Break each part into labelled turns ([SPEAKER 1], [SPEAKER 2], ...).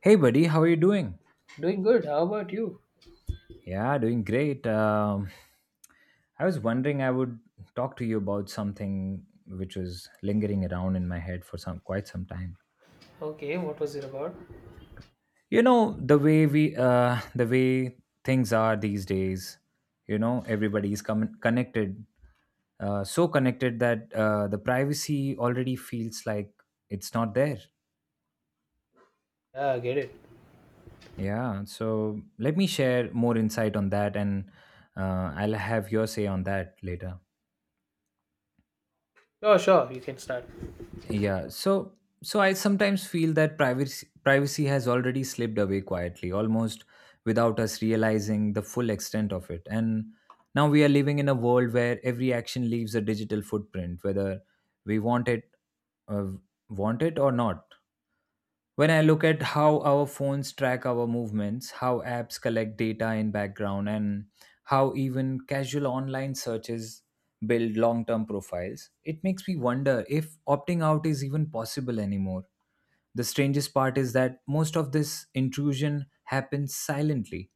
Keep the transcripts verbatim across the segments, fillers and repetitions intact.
[SPEAKER 1] Hey, buddy, how are you doing?
[SPEAKER 2] Doing good. How about you?
[SPEAKER 1] Yeah, doing great. Um, I was wondering I would talk to you about something which was lingering around in my head for some quite some time.
[SPEAKER 2] Okay, what was it about?
[SPEAKER 1] You know the way we, uh, the way things are these days. You know everybody is com- connected, uh, so connected that uh, the privacy already feels like it's not there.
[SPEAKER 2] Yeah, I get it.
[SPEAKER 1] Yeah. So let me share more insight on that, and uh, I'll have your say on that later.
[SPEAKER 2] Sure, sure, you can start.
[SPEAKER 1] Yeah. So so I sometimes feel that privacy privacy has already slipped away quietly, almost without us realizing the full extent of it. And now we are living in a world where every action leaves a digital footprint, whether we want it uh, want it or not. When I look at how our phones track our movements, how apps collect data in background, and how even casual online searches build long term profiles, it makes me wonder if opting out is even possible anymore. The strangest part is that most of this intrusion happens silently,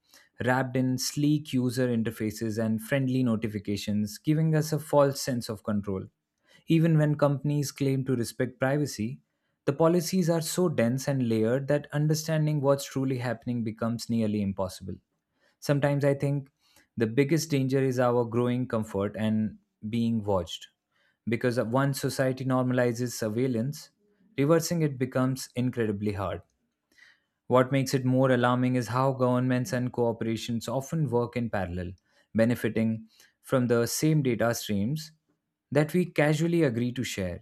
[SPEAKER 1] wrapped in sleek user interfaces and friendly notifications, giving us a false sense of control. Even when companies claim to respect privacy, the policies are so dense and layered that understanding what's truly happening becomes nearly impossible. Sometimes I think the biggest danger is our growing comfort and being watched. Because once society normalizes surveillance, reversing it becomes incredibly hard. What makes it more alarming is how governments and corporations often work in parallel, benefiting from the same data streams that we casually agree to share.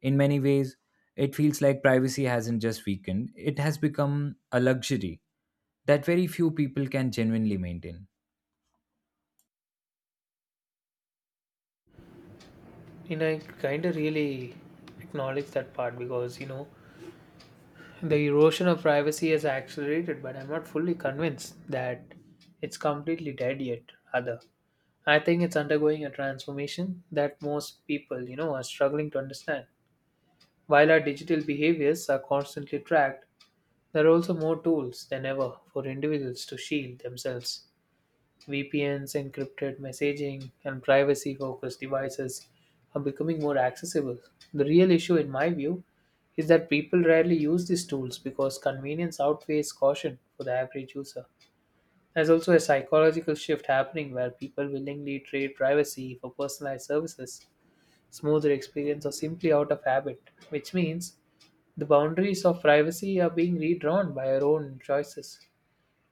[SPEAKER 1] In many ways, it feels like privacy hasn't just weakened, it has become a luxury that very few people can genuinely maintain.
[SPEAKER 2] And I kind of really acknowledge that part because, you know, the erosion of privacy has accelerated, but I'm not fully convinced that it's completely dead yet, other. I think it's undergoing a transformation that most people, you know, are struggling to understand. While our digital behaviors are constantly tracked, there are also more tools than ever for individuals to shield themselves V P Ns, encrypted messaging, and privacy focused devices are becoming more accessible. The real issue, in my view, is that people rarely use these tools because convenience outweighs caution for the average user. There's also a psychological shift happening where people willingly trade privacy for personalized services, smoother experience, or simply out of habit, which means the boundaries of privacy are being redrawn by our own choices.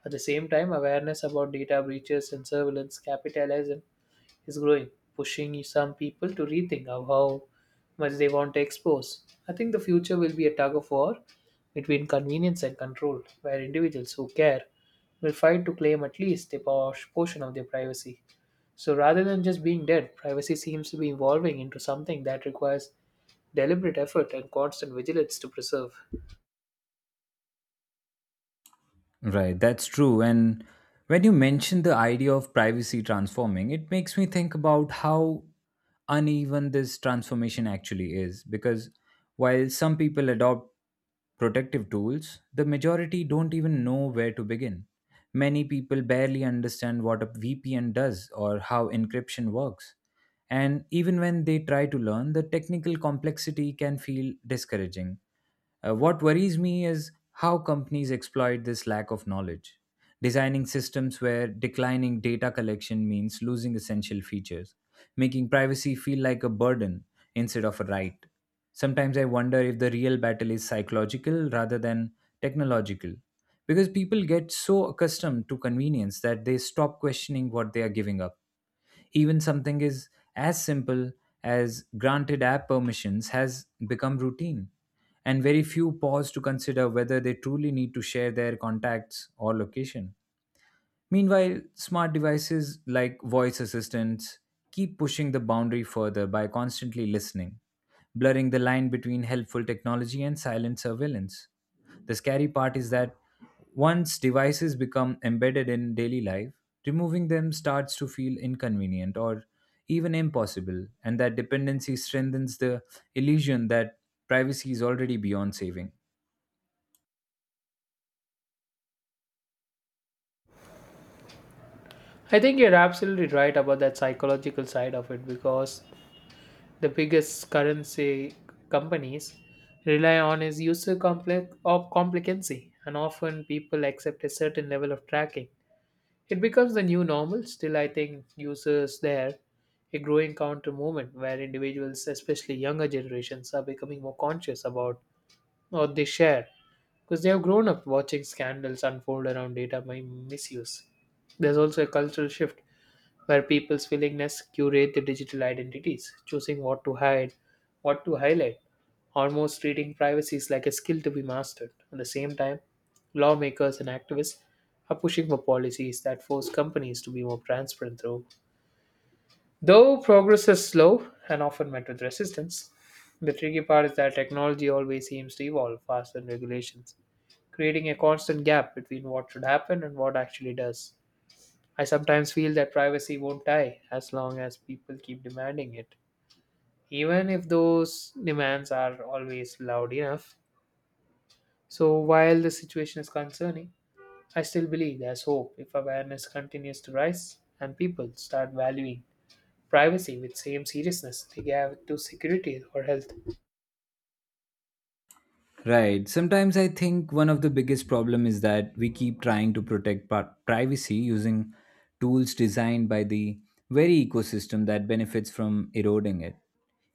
[SPEAKER 2] At the same time, awareness about data breaches and surveillance capitalism is growing, pushing some people to rethink of how much they want to expose. I think the future will be a tug of war between convenience and control, where individuals who care will fight to claim at least a por- portion of their privacy. So rather than just being dead, privacy seems to be evolving into something that requires deliberate effort and constant vigilance to preserve.
[SPEAKER 1] Right, that's true. And when you mention the idea of privacy transforming, it makes me think about how uneven this transformation actually is. Because while some people adopt protective tools, the majority don't even know where to begin. Many people barely understand what a V P N does or how encryption works. And even when they try to learn, the technical complexity can feel discouraging. Uh, what worries me is how companies exploit this lack of knowledge, designing systems where declining data collection means losing essential features making privacy feel like a burden instead of a right. Sometimes I wonder if the real battle is psychological rather than technological, because people get so accustomed to convenience that they stop questioning what they are giving up. Even something is as simple as granted app permissions has become routine, and very few pause to consider whether they truly need to share their contacts or location. Meanwhile, smart devices like voice assistants keep pushing the boundary further by constantly listening, blurring the line between helpful technology and silent surveillance. The scary part is that once devices become embedded in daily life, removing them starts to feel inconvenient or even impossible, and that dependency strengthens the illusion that privacy is already beyond saving.
[SPEAKER 2] I think you're absolutely right about that psychological side of it because the biggest currency companies rely on is user complex or complicancy and often people accept a certain level of tracking it becomes the new normal still I think users there a growing counter movement where individuals especially younger generations are becoming more conscious about what they share because they have grown up watching scandals unfold around data mi- misuse there's also a cultural shift where people's willingness curate their digital identities, choosing what to hide, what to highlight, almost treating privacy is like a skill to be mastered. At the same time, lawmakers and activists are pushing for policies that force companies to be more transparent through. Though progress is slow and often met with resistance, the tricky part is that technology always seems to evolve faster than regulations, creating a constant gap between what should happen and what actually does. I sometimes feel that privacy won't die as long as people keep demanding it, even if those demands are always loud enough. So, while the situation is concerning, I still believe there's hope if awareness continues to rise and people start valuing privacy with same seriousness they give to security or health.
[SPEAKER 1] Right. Sometimes I think one of the biggest problem is that we keep trying to protect pri- privacy using tools designed by the very ecosystem that benefits from eroding it.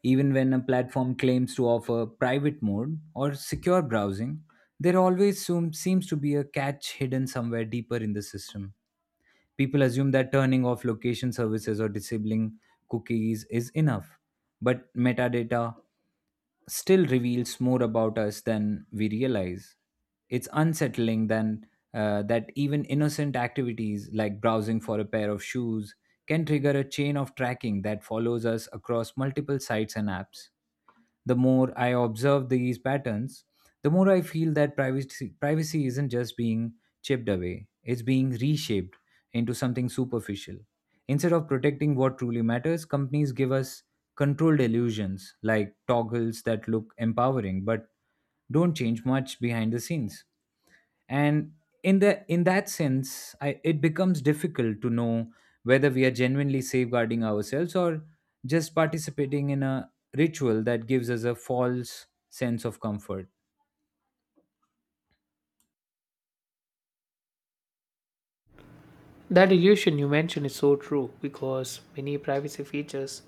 [SPEAKER 1] Even when a platform claims to offer private mode or secure browsing, there always soon seems to be a catch hidden somewhere deeper in the system. People assume that turning off location services or disabling cookies is enough, but metadata still reveals more about us than we realize. It's unsettling than uh, that even innocent activities like browsing for a pair of shoes can trigger a chain of tracking that follows us across multiple sites and apps. The more I observe these patterns, the more I feel that privacy, privacy isn't just being chipped away, it's being reshaped into something superficial. Instead of protecting what truly matters, companies give us controlled illusions like toggles that look empowering but don't change much behind the scenes and in the in that sense I, it becomes difficult to know whether we are genuinely safeguarding ourselves or just participating in a ritual that gives us a false sense of comfort.
[SPEAKER 2] That illusion you mentioned is so true because many privacy features,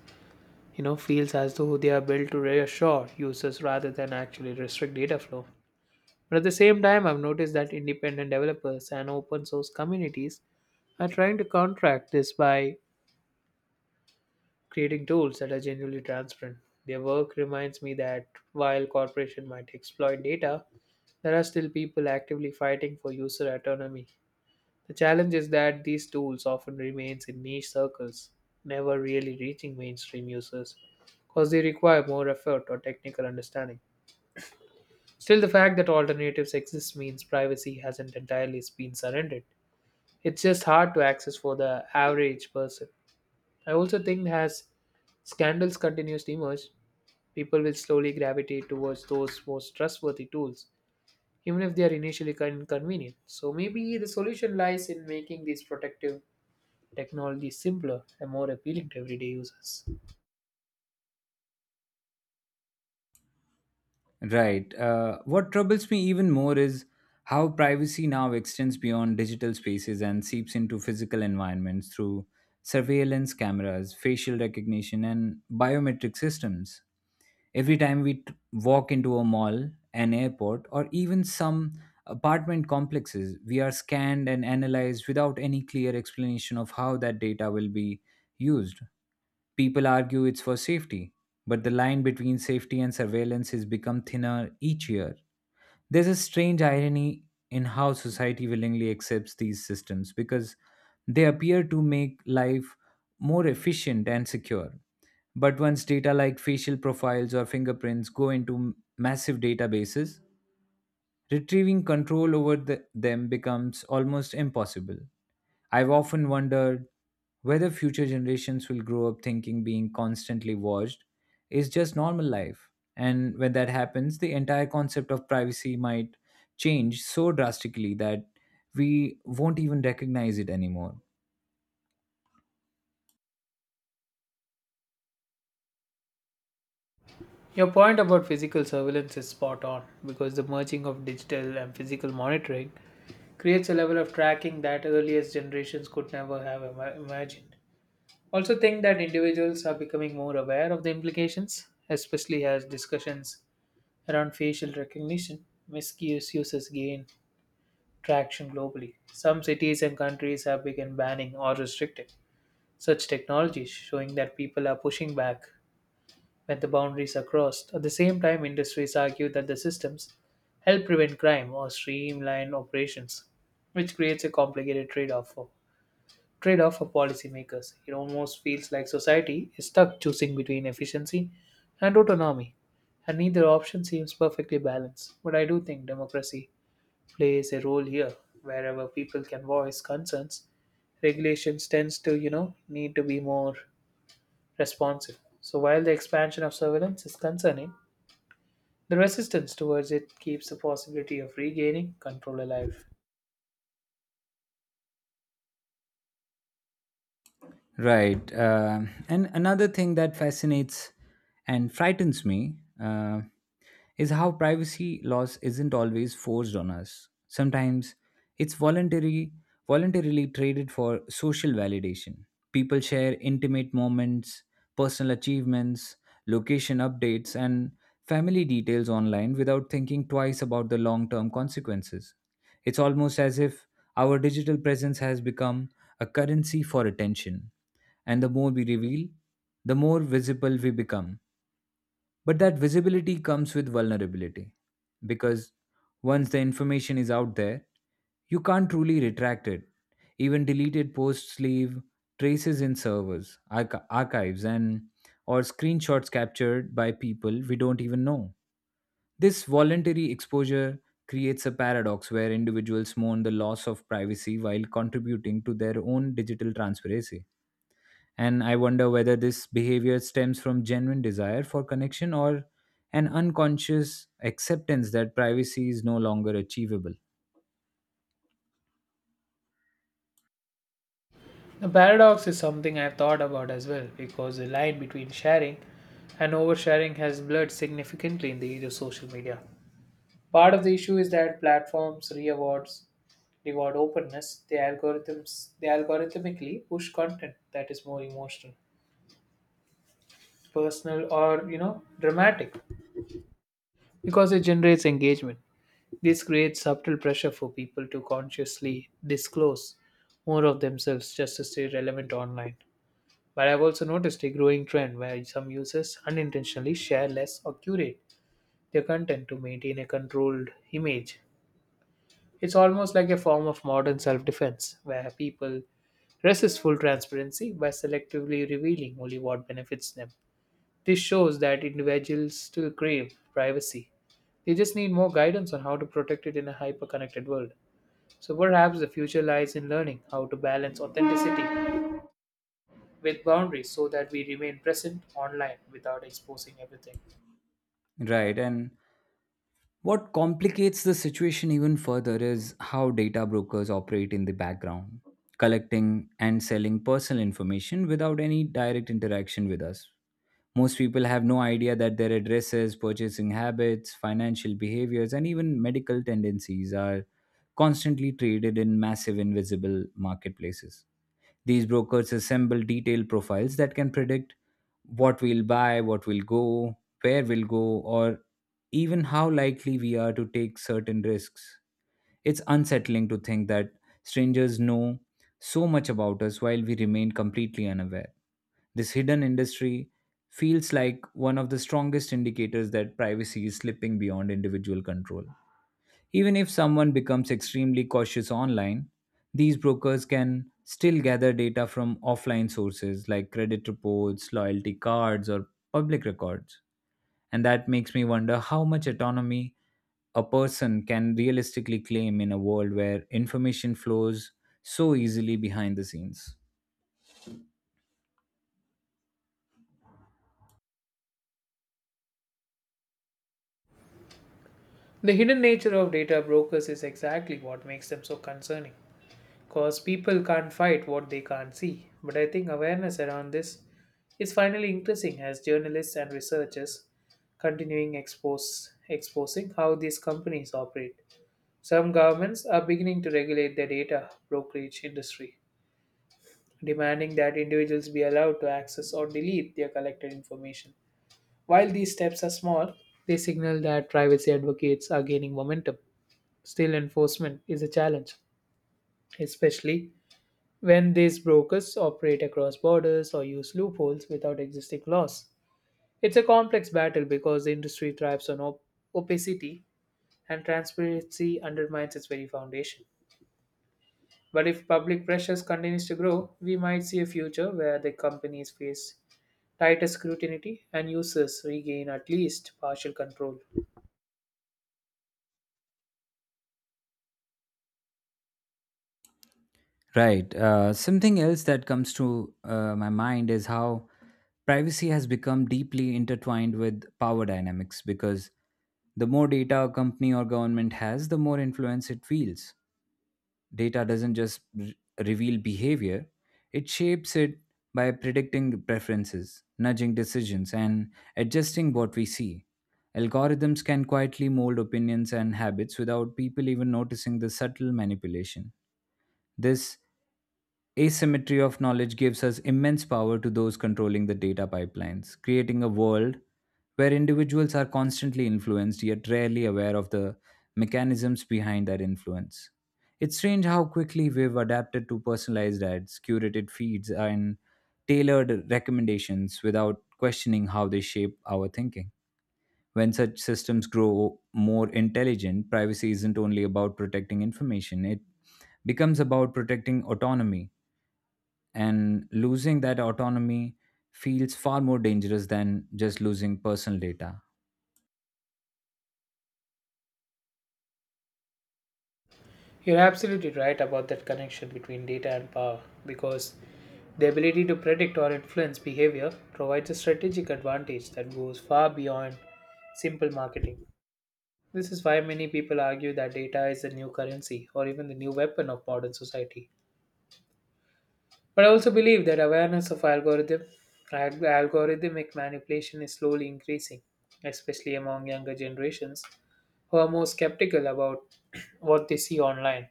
[SPEAKER 2] you know, feels as though they are built to reassure users rather than actually restrict data flow. But at the same time, I've noticed that independent developers and open source communities are trying to contract this by creating tools that are genuinely transparent. Their work reminds me that while corporations might exploit data, there are still people actively fighting for user autonomy. The challenge is that these tools often remains in niche circles, never really reaching mainstream users because they require more effort or technical understanding. Still, the fact that alternatives exist means privacy hasn't entirely been surrendered. It's just hard to access for the average person. I also think as scandals continues to emerge, people will slowly gravitate towards those most trustworthy tools, even if they are initially con- inconvenient. So maybe the solution lies in making these protective technologies simpler and more appealing to everyday users.
[SPEAKER 1] Right. Uh, what troubles me even more is how privacy now extends beyond digital spaces and seeps into physical environments through surveillance cameras, facial recognition and biometric systems. Every time we t- walk into a mall, an airport, or even some apartment complexes, we are scanned and analyzed without any clear explanation of how that data will be used. People argue it's for safety, but the line between safety and surveillance has become thinner each year. There's a strange irony in how society willingly accepts these systems because they appear to make life more efficient and secure. But once data like facial profiles or fingerprints go into massive databases, retrieving control over the, them becomes almost impossible. I've often wondered whether future generations will grow up thinking being constantly watched is just normal life. And when that happens, the entire concept of privacy might change so drastically that we won't even recognize it anymore.
[SPEAKER 2] Your point about physical surveillance is spot on because the merging of digital and physical monitoring creates a level of tracking that earliest generations could never have ima- imagined. Also think that individuals are becoming more aware of the implications, especially as discussions around facial recognition misuse uses gain traction globally. Some cities and countries have begun banning or restricting such technologies, showing that people are pushing back when the boundaries are crossed. At the same time, industries argue that the systems help prevent crime or streamline operations, which creates a complicated trade-off trade-off for policymakers. It almost feels like society is stuck choosing between efficiency and autonomy, and neither option seems perfectly balanced. But I do think democracy plays a role here. Wherever people can voice concerns, regulations tends to, you know, need to be more responsive. So while the expansion of surveillance is concerning, the resistance towards it keeps the possibility of regaining control alive.
[SPEAKER 1] Right. Uh, and another thing that fascinates and frightens me. Uh, is how privacy loss isn't always forced on us. Sometimes it's voluntary, voluntarily traded for social validation. People share intimate moments, personal achievements, location updates, and family details online without thinking twice about the long term consequences. It's almost as if our digital presence has become a currency for attention. And the more we reveal, the more visible we become but that visibility comes with vulnerability because once the information is out there, you can't truly retract it. Even deleted posts leave traces in servers, arch- archives, and or screenshots captured by people we don't even know. This voluntary exposure creates a paradox where individuals mourn the loss of privacy while contributing to their own digital transparency. And I wonder whether this behavior stems from genuine desire for connection or an unconscious acceptance that privacy is no longer achievable.
[SPEAKER 2] The paradox is something I've thought about as well because the line between sharing and oversharing has blurred significantly in the age of social media. Part of the issue is that platforms rewards reward openness. The algorithms they algorithmically push content that is more emotional, personal, or you know dramatic because it generates engagement. This creates subtle pressure for people to consciously disclose more of themselves just to stay relevant online. But I've also noticed a growing trend where some users unintentionally share less or curate their content to maintain a controlled image. It's almost like a form of modern self defense where people resist full transparency by selectively revealing only what benefits them. This shows that individuals still crave privacy. They just need more guidance on how to protect it in a hyper connected world. So perhaps the future lies in learning how to balance authenticity with boundaries so that we remain present online without exposing everything.
[SPEAKER 1] Right. And what complicates the situation even further is how data brokers operate in the background, collecting and selling personal information without any direct interaction with us. Most people have no idea that their addresses, purchasing habits, financial behaviors, and even medical tendencies are constantly traded in massive invisible marketplaces. These brokers assemble detailed profiles that can predict what we'll buy, what will go, where we'll go, or even how likely we are to take certain risks. It's unsettling to think that strangers know so much about us while we remain completely unaware. This hidden industry feels like one of the strongest indicators that privacy is slipping beyond individual control. Even if someone becomes extremely cautious online, these brokers can still gather data from offline sources like credit reports, loyalty cards, or public records. And that makes me wonder how much autonomy a person can realistically claim in a world where information flows so easily behind the scenes.
[SPEAKER 2] The hidden nature of data brokers is exactly what makes them so concerning because people can't fight what they can't see. But I think awareness around this is finally increasing as journalists and researchers continuing expose, exposing how these companies operate. Some governments are beginning to regulate their data brokerage industry, demanding that individuals be allowed to access or delete their collected information. While these steps are small, they signal that privacy advocates are gaining momentum. Still, enforcement is a challenge, especially when these brokers operate across borders or use loopholes without existing laws. It's a complex battle because the industry thrives on op- opacity and transparency undermines its very foundation. But if public pressures continues to grow, we might see a future where the companies face tighter scrutiny and users regain at least partial control.
[SPEAKER 1] Right. Uh, something else that comes to uh, my mind is how privacy has become deeply intertwined with power dynamics because the more data a company or government has, the more influence it feels. Data doesn't just re- reveal behavior, it shapes it by predicting preferences, nudging decisions, and adjusting what we see. Algorithms can quietly mold opinions and habits without people even noticing the subtle manipulation. This asymmetry of knowledge gives us immense power to those controlling the data pipelines, creating a world where individuals are constantly influenced yet rarely aware of the mechanisms behind that influence. It's strange how quickly we've adapted to personalized ads, curated feeds, and tailored recommendations without questioning how they shape our thinking. When such systems grow more intelligent, privacy isn't only about protecting information, it becomes about protecting autonomy, and losing that autonomy feels far more dangerous than just losing personal data.
[SPEAKER 2] You're absolutely right about that connection between data and power because the ability to predict or influence behavior provides a strategic advantage that goes far beyond simple marketing. This is why many people argue that data is the new currency or even the new weapon of modern society. But I also believe that awareness of algorithm alg- algorithmic manipulation is slowly increasing, especially among younger generations who are more skeptical about what they see online.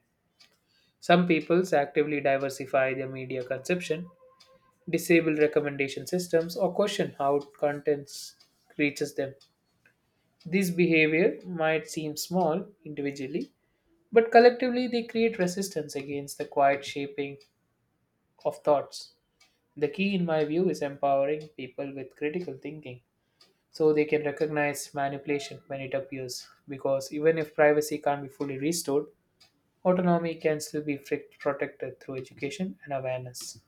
[SPEAKER 2] Some peoples actively diversify their media consumption, disable recommendation systems, or question how contents reaches them. This behavior might seem small individually, but collectively they create resistance against the quiet shaping of thoughts. The key, in my view, is empowering people with critical thinking so they can recognize manipulation when it appears. Because even if privacy can't be fully restored, autonomy can still be fric- protected through education and awareness.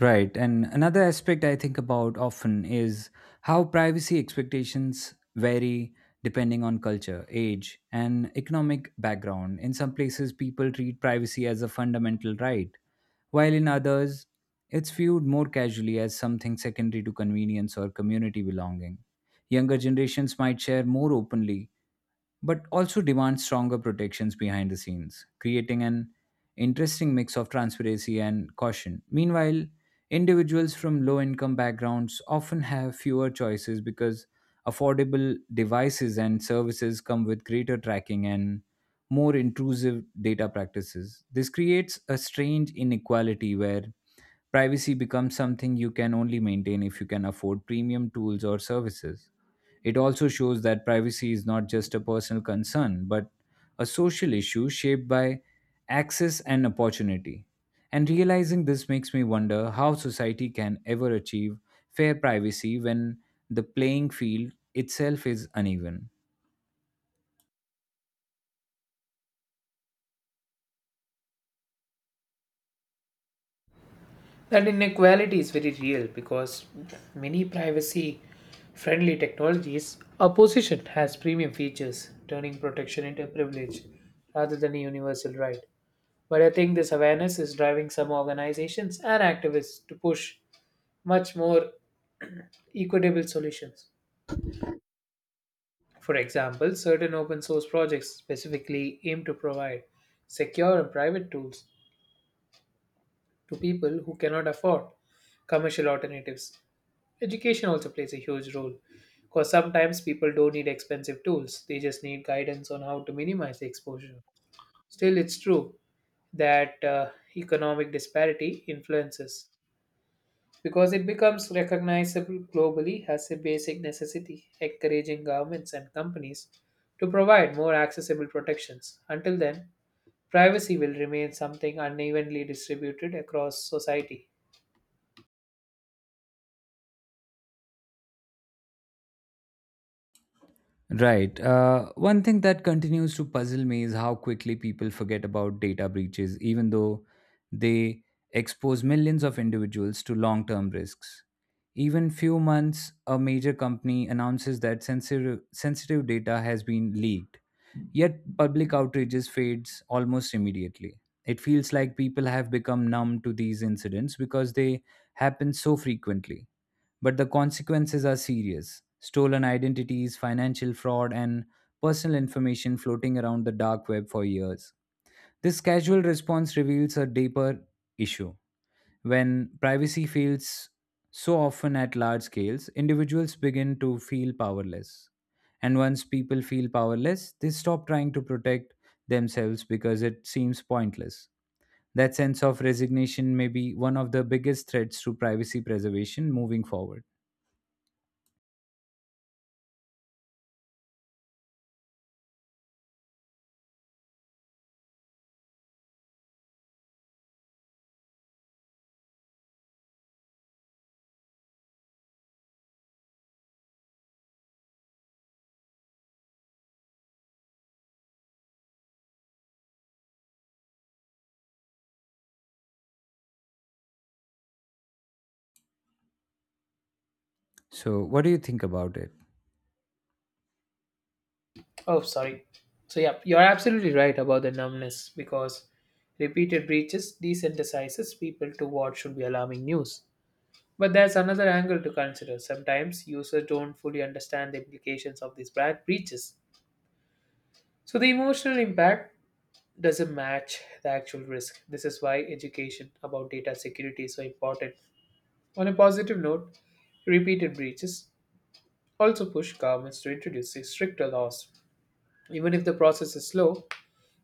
[SPEAKER 1] Right. And another aspect I think about often is how privacy expectations vary depending on culture, age, and economic background. In some places, people treat privacy as a fundamental right, while in others, it's viewed more casually as something secondary to convenience or community belonging. Younger generations might share more openly but also demand stronger protections behind the scenes, creating an interesting mix of transparency and caution. Meanwhile, individuals from low income backgrounds often have fewer choices because affordable devices and services come with greater tracking and more intrusive data practices. This creates a strange inequality where privacy becomes something you can only maintain if you can afford premium tools or services. It also shows that privacy is not just a personal concern, but a social issue shaped by access and opportunity. And realizing this makes me wonder how society can ever achieve fair privacy when the playing field itself is uneven.
[SPEAKER 2] That inequality is very real because many privacy friendly technologies are positioned as premium features, turning protection into a privilege rather than a universal right. But I think this awareness is driving some organizations and activists to push much more equitable solutions. For example, certain open source projects specifically aim to provide secure and private tools to people who cannot afford commercial alternatives. Education also plays a huge role because sometimes people don't need expensive tools, they just need guidance on how to minimize the exposure. Still, it's true that uh, economic disparity influences because it becomes recognizable globally as a basic necessity, encouraging governments and companies to provide more accessible protections. Until then, privacy will remain something unevenly distributed across society.
[SPEAKER 1] Right. Uh, one thing that continues to puzzle me is how quickly people forget about data breaches, even though they expose millions of individuals to long term risks. Even few months, a major company announces that sensitive, sensitive data has been leaked, yet public outrages fades almost immediately. It feels like people have become numb to these incidents because they happen so frequently. But the consequences are serious stolen identities, financial fraud, and personal information floating around the dark web for years. This casual response reveals a deeper issue. When privacy fails so often at large scales, individuals begin to feel powerless. And once people feel powerless, they stop trying to protect themselves because it seems pointless. That sense of resignation may be one of the biggest threats to privacy preservation moving forward. So, what do you think about it?
[SPEAKER 2] Oh, sorry. So, yeah, you're absolutely right about the numbness because repeated breaches desensitizes people to what should be alarming news. But there's another angle to consider. Sometimes users don't fully understand the implications of these bad breaches. So, the emotional impact doesn't match the actual risk. This is why education about data security is so important. On a positive note, repeated breaches also push governments to introduce stricter laws. Even if the process is slow,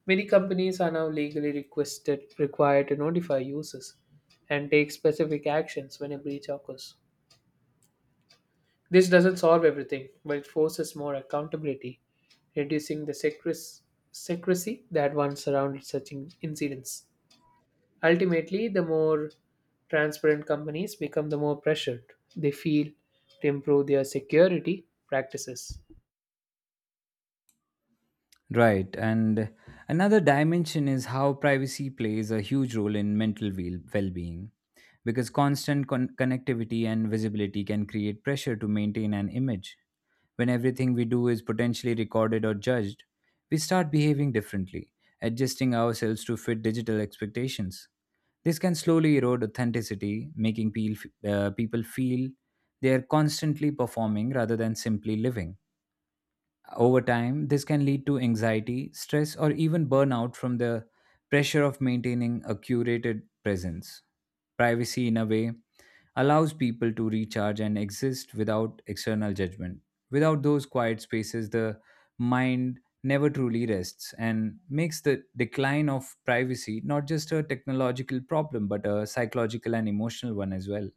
[SPEAKER 2] many companies are now legally requested required to notify users and take specific actions when a breach occurs. This doesn't solve everything, but it forces more accountability, reducing the secre- secrecy that once surrounded such in- incidents. Ultimately, the more transparent companies become, the more pressured they feel to improve their security practices.
[SPEAKER 1] Right, and another dimension is how privacy plays a huge role in mental well being because constant con- connectivity and visibility can create pressure to maintain an image. When everything we do is potentially recorded or judged, we start behaving differently, adjusting ourselves to fit digital expectations. This can slowly erode authenticity, making peel- uh, people feel they are constantly performing rather than simply living. Over time, this can lead to anxiety, stress, or even burnout from the pressure of maintaining a curated presence. Privacy, in a way, allows people to recharge and exist without external judgment. Without those quiet spaces, the mind never truly rests and makes the decline of privacy not just a technological problem but a psychological and emotional one as well.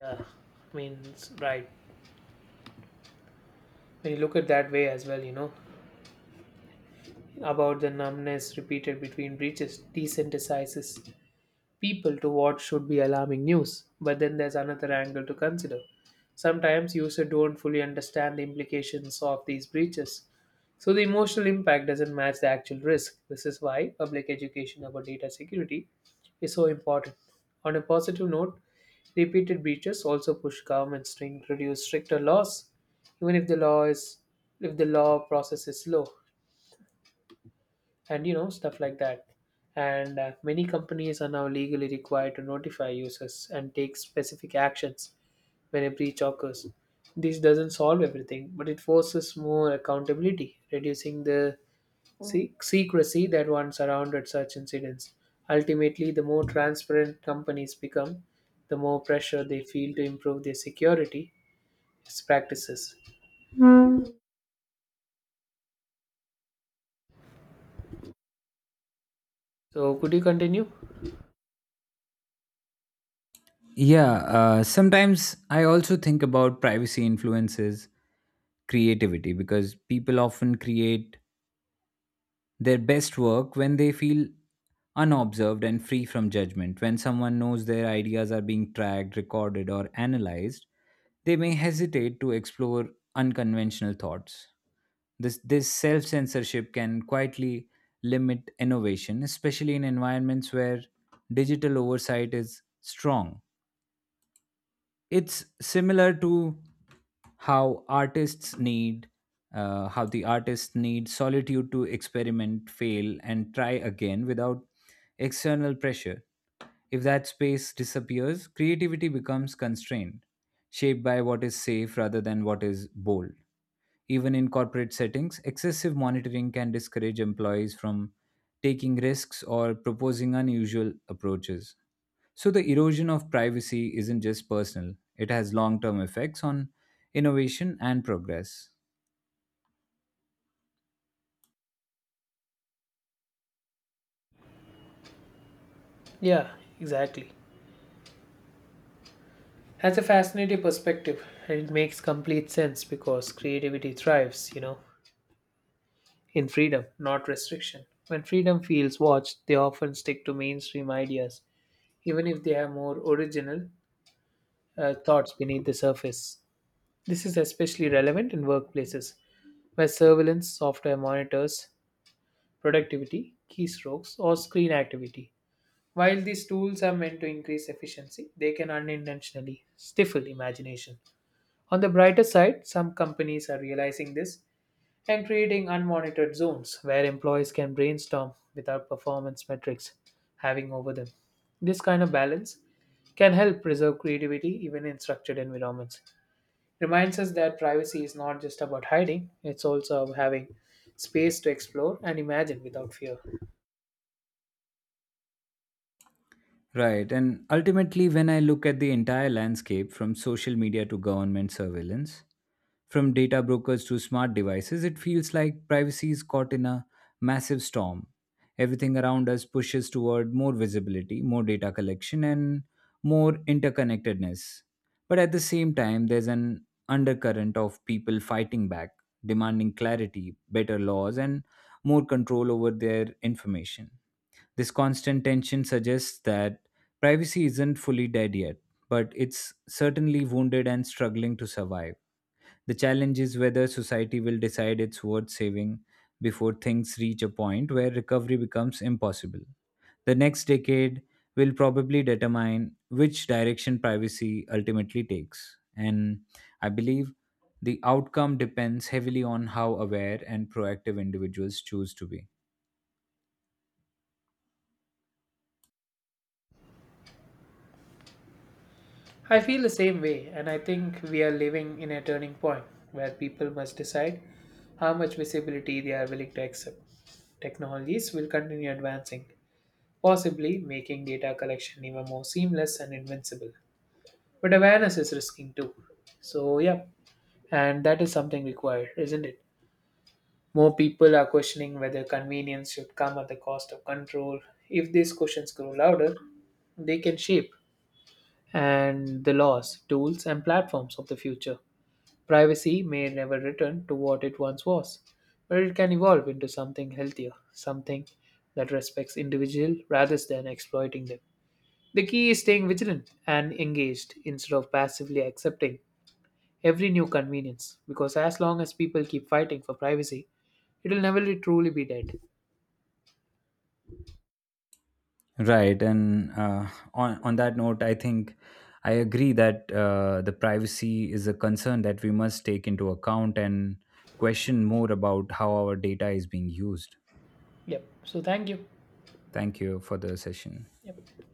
[SPEAKER 2] Yeah, I mean, it's right. When you look at that way as well, you know, about the numbness repeated between breaches desensitizes people to what should be alarming news. But then there's another angle to consider. Sometimes users don't fully understand the implications of these breaches. So the emotional impact doesn't match the actual risk. This is why public education about data security is so important. On a positive note, repeated breaches also push governments to introduce stricter laws, even if the law is if the law process is slow and you know stuff like that and uh, many companies are now legally required to notify users and take specific actions when a breach occurs. This doesn't solve everything, but it forces more accountability, reducing the se- secrecy that once surrounded such incidents. Ultimately, the more transparent companies become, the more pressure they feel to improve their security practices. So could you continue?
[SPEAKER 1] Yeah, uh, sometimes I also think about privacy influences creativity because people often create their best work when they feel unobserved and free from judgment. When someone knows their ideas are being tracked, recorded, or analyzed, they may hesitate to explore unconventional thoughts. This, this self censorship can quietly limit innovation, especially in environments where digital oversight is strong. It's similar to how artists need uh, how the artists need solitude to experiment fail and try again without external pressure. If that space disappears creativity becomes constrained, shaped by what is safe rather than what is bold. Even in corporate settings, excessive monitoring can discourage employees from taking risks or proposing unusual approaches. So, the erosion of privacy isn't just personal, it has long term effects on innovation and progress.
[SPEAKER 2] Yeah, exactly. That's a fascinating perspective, and it makes complete sense because creativity thrives, you know, in freedom, not restriction. When freedom feels watched, they often stick to mainstream ideas, even if they have more original uh, thoughts beneath the surface. This is especially relevant in workplaces where surveillance software monitors productivity, keystrokes, or screen activity. While these tools are meant to increase efficiency, they can unintentionally stifle imagination. On the brighter side, some companies are realizing this and creating unmonitored zones where employees can brainstorm without performance metrics having over them. This kind of balance can help preserve creativity even in structured environments. Reminds us that privacy is not just about hiding, it's also about having space to explore and imagine without fear.
[SPEAKER 1] Right. And ultimately, when I look at the entire landscape from social media to government surveillance, from data brokers to smart devices, it feels like privacy is caught in a massive storm. Everything around us pushes toward more visibility, more data collection, and more interconnectedness. But at the same time, there's an undercurrent of people fighting back, demanding clarity, better laws, and more control over their information. This constant tension suggests that privacy isn't fully dead yet, but it's certainly wounded and struggling to survive. The challenge is whether society will decide it's worth saving before things reach a point where recovery becomes impossible. The next decade will probably determine which direction privacy ultimately takes. And I believe the outcome depends heavily on how aware and proactive individuals choose to be.
[SPEAKER 2] I feel the same way, and I think we are living in a turning point where people must decide how much visibility they are willing to accept. Technologies will continue advancing, possibly making data collection even more seamless and invincible. But awareness is risking too. So, yeah, and that is something required, isn't it? More people are questioning whether convenience should come at the cost of control. If these questions grow louder, they can shape and the laws, tools, and platforms of the future. Privacy may never return to what it once was, but it can evolve into something healthier, something that respects individual rather than exploiting them. The key is staying vigilant and engaged instead of passively accepting every new convenience because as long as people keep fighting for privacy, it will never be truly be dead.
[SPEAKER 1] Right, and uh, on on that note, I think I agree that uh, the privacy is a concern that we must take into account and question more about how our data is being used.
[SPEAKER 2] Yep. So thank you.
[SPEAKER 1] Thank you for the session.
[SPEAKER 2] Yep.